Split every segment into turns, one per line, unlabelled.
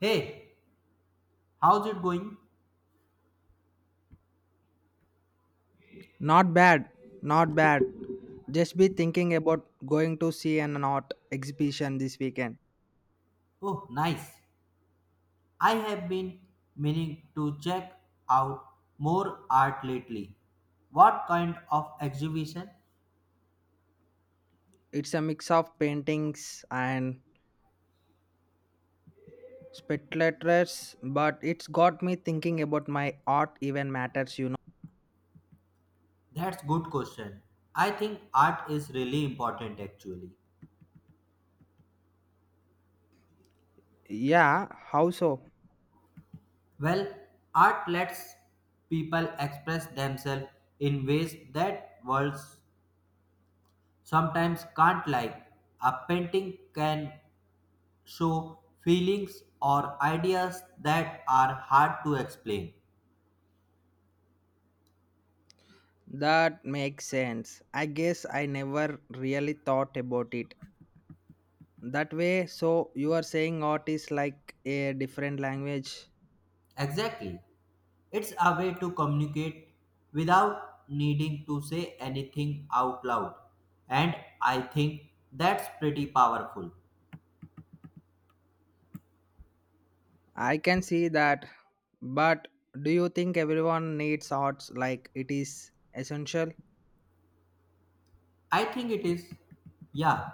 Hey, how's it going?
Not bad, not bad. Just be thinking about going to see an art exhibition this weekend.
Oh, nice. I have been meaning to check out more art lately. What kind of exhibition?
It's a mix of paintings and speculators, but it's got me thinking about my art even matters,
That's good question. I think art is really important actually.
Yeah, how so?
Well, art lets people express themselves in ways that words sometimes can't like. A painting can show feelings or ideas that are hard to explain.
That makes sense. I guess I never really thought about it that way. So, you are saying art is like a different language?
Exactly. It's a way to communicate without needing to say anything out loud. And I think that's pretty powerful.
I can see that, but do you think everyone needs arts like it is essential?
I think it is. Yeah,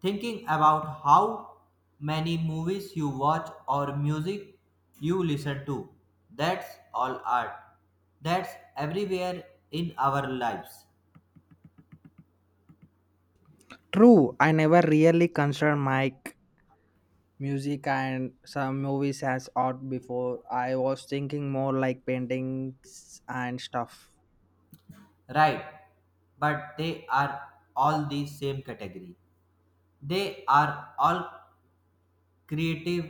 thinking about how many movies you watch or music you listen to. That's all art. That's everywhere in our lives.
True, I never really considered my music and some movies as art before. I was thinking more like paintings and stuff.
Right. But they are all the same category. They are all creative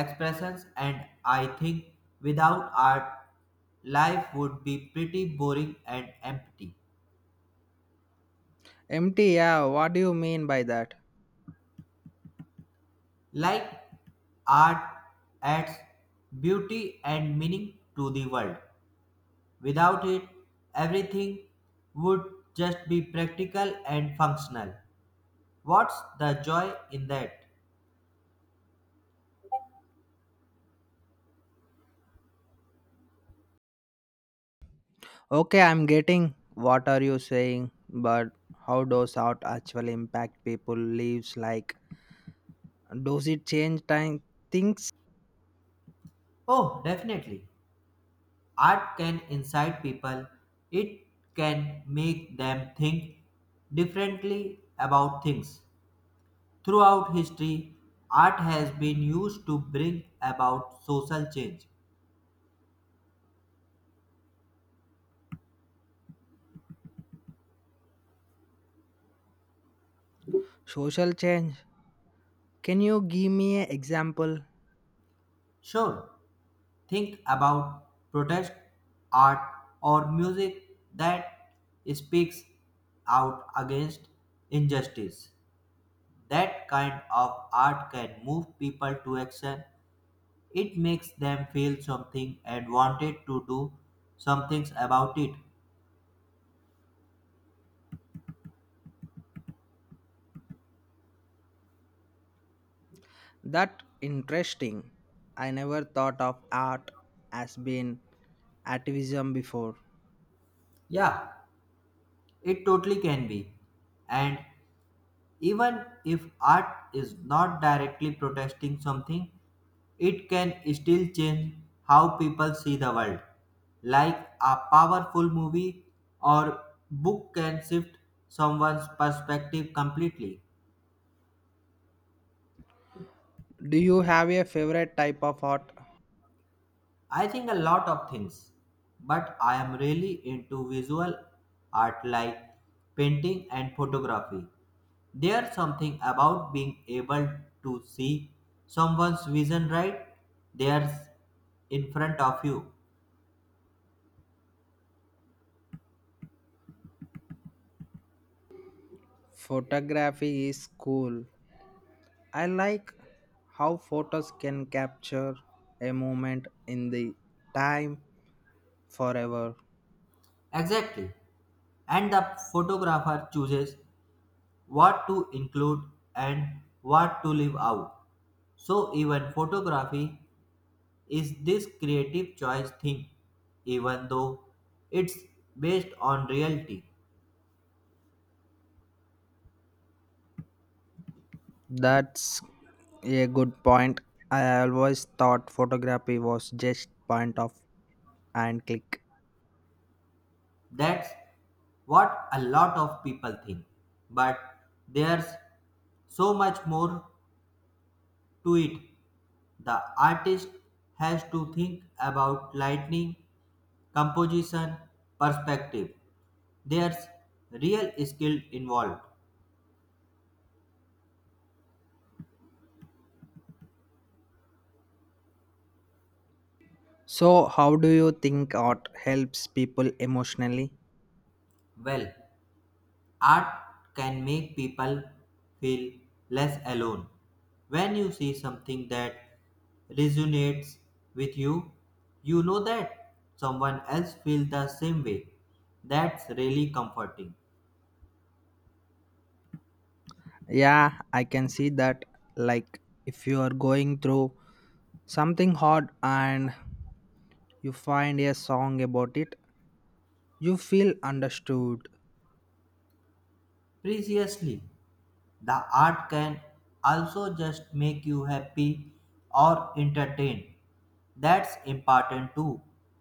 expressions, and I think without art life would be pretty boring and empty.
Empty, yeah, what do you mean by that?
Like art adds beauty and meaning to the world. Without it everything would just be practical and functional. What's the joy in that?
Okay, I'm getting what are you saying, but how does art actually impact people lives like does it change time things
Oh, definitely. Art can incite people. It can make them think differently about things. Throughout history, art has been used to bring about social change.
social change. Can you give me an example?
Sure, think about protest art or music that speaks out against injustice. That kind of art can move people to action. It makes them feel something and wanted to do some things about it.
That interesting. I never thought of art as being activism before.
Yeah, it totally can be. And even if art is not directly protesting something, it can still change how people see the world. Like a powerful movie or book can shift someone's perspective completely.
Do you have a favorite type of art?
I think a lot of things, but I am really into visual art like painting and photography. There's something about being able to see someone's vision right There's in front of you.
Photography is cool. I like how photos can capture a moment in the time forever.
Exactly. And the photographer chooses what to include and what to leave out. So even photography is this creative choice thing, even though it's based on reality.
That's a good point. I always thought photography was just point of and click.
That's what a lot of people think. But there's so much more to it. The artist has to think about lighting, composition, perspective. There's real skill involved.
So, how do you think art helps people emotionally?
Well, art can make people feel less alone. When you see something that resonates with you, you know that someone else feels the same way. That's really comforting.
Yeah, I can see that. Like, if you are going through something hard and you find a song about it, you feel understood.
Previously, the art can also just make you happy or entertained. That's important too.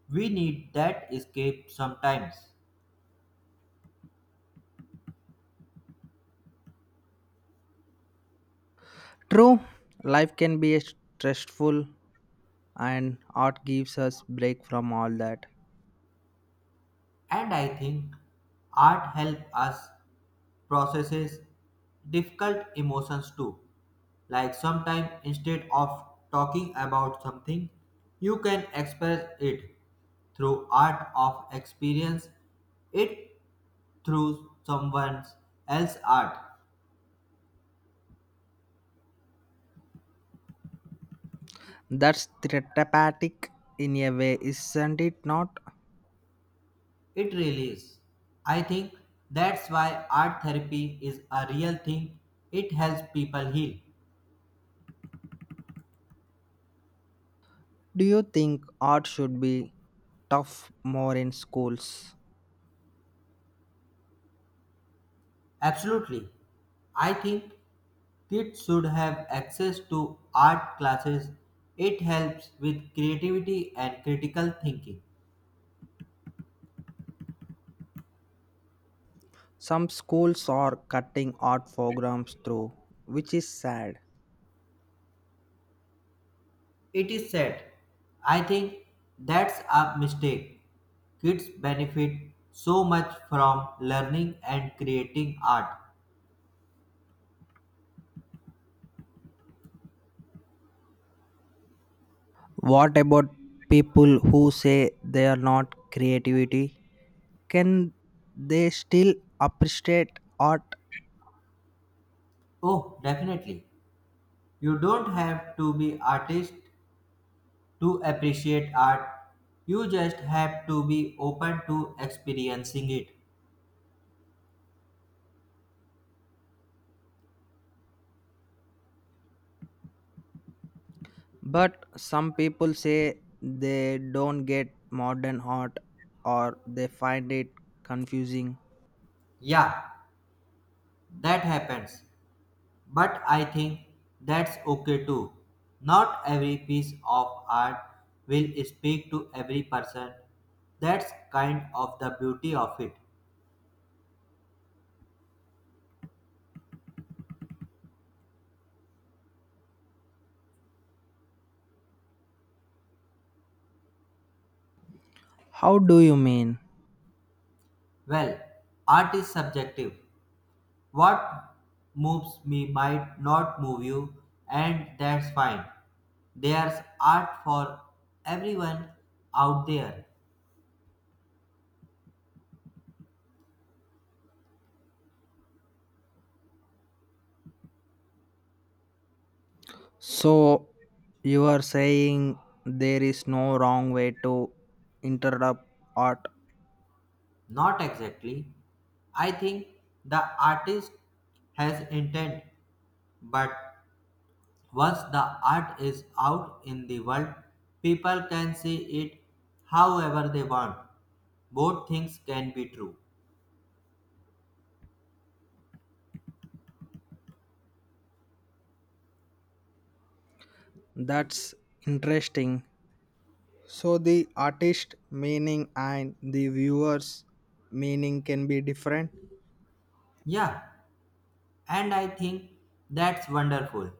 We need that escape sometimes.
True, life can be stressful, and art gives us break from all that.
And I think art helps us processes difficult emotions too. Like sometimes instead of talking about something, you can express it through art of experience. It through someone else's art.
That's therapeutic in a way, isn't it? Not.
It really is. I think that's why art therapy is a real thing. It helps people heal.
Do you think art should be tough more in schools?
Absolutely. I think kids should have access to art classes. It helps with creativity and critical thinking.
Some schools are cutting art programs through, which is sad.
It is sad. I think that's a mistake. Kids benefit so much from learning and creating art.
What about people who say they are not creativity? Can they still appreciate art?
Oh, definitely. You don't have to be artist to appreciate art. You just have to be open to experiencing it.
But some people say they don't get modern art or they find it confusing.
Yeah, that happens. But I think that's okay too. Not every piece of art will speak to every person. That's kind of the beauty of it.
How do you mean?
Well, art is subjective. What moves me might not move you, and that's fine. There's art for everyone out there.
So you are saying there is no wrong way to interrupt art.
Not exactly. I think the artist has intent, but once the art is out in the world, people can see it however they want. Both things can be true.
That's interesting. So the artist meaning and the viewers meaning can be different.
Yeah, and I think that's wonderful.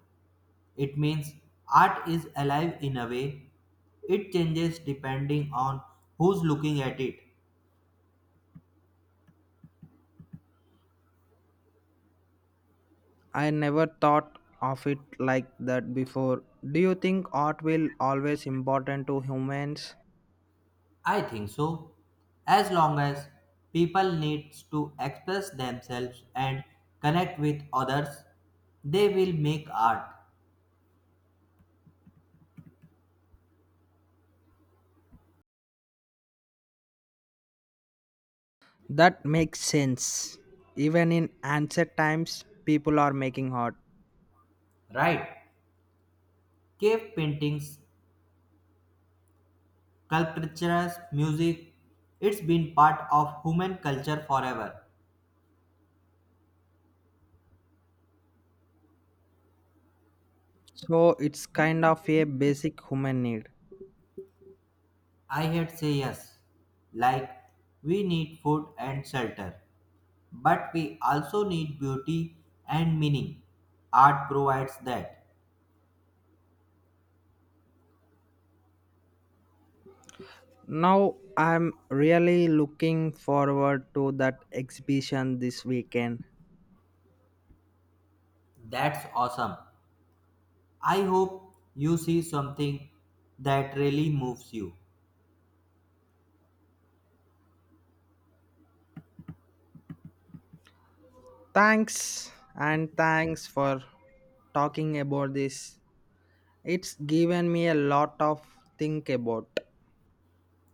It means art is alive in a way. It changes depending on who's looking at it.
I never thought of it like that before. Do you think art will always important to humans?
I think so. As long as people needs to express themselves and connect with others, they will make art.
That makes sense. Even in ancient times people are making art.
Right? Cave paintings, sculptures, music, it's been part of human culture forever.
So it's kind of a basic human need.
I had say yes, like we need food and shelter, but we also need beauty and meaning. Art provides that.
Now I'm really looking forward to that exhibition this weekend.
That's awesome. I hope you see something that really moves you.
Thanks and thanks for talking about this. It's given me a lot of think about.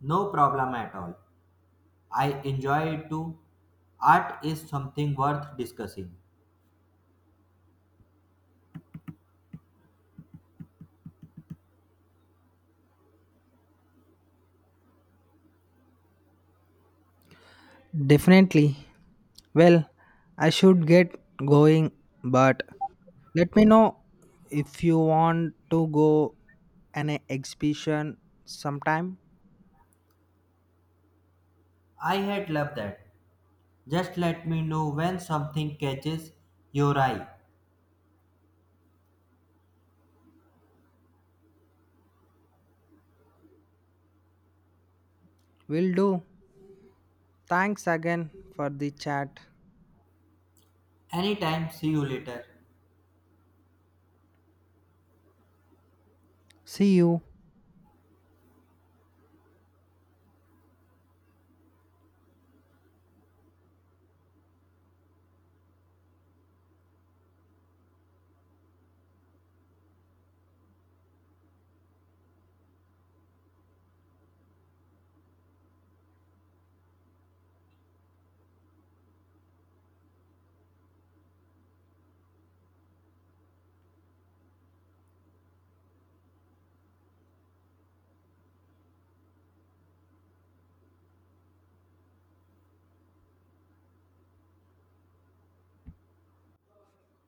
No problem at all. I enjoy it too. Art is something worth discussing.
Definitely. Well, I should get going, but let me know if you want to go an exhibition sometime.
I had loved that. Just let me know when something catches your eye.
Will do. Thanks again for the chat.
Anytime, see you later.
See you.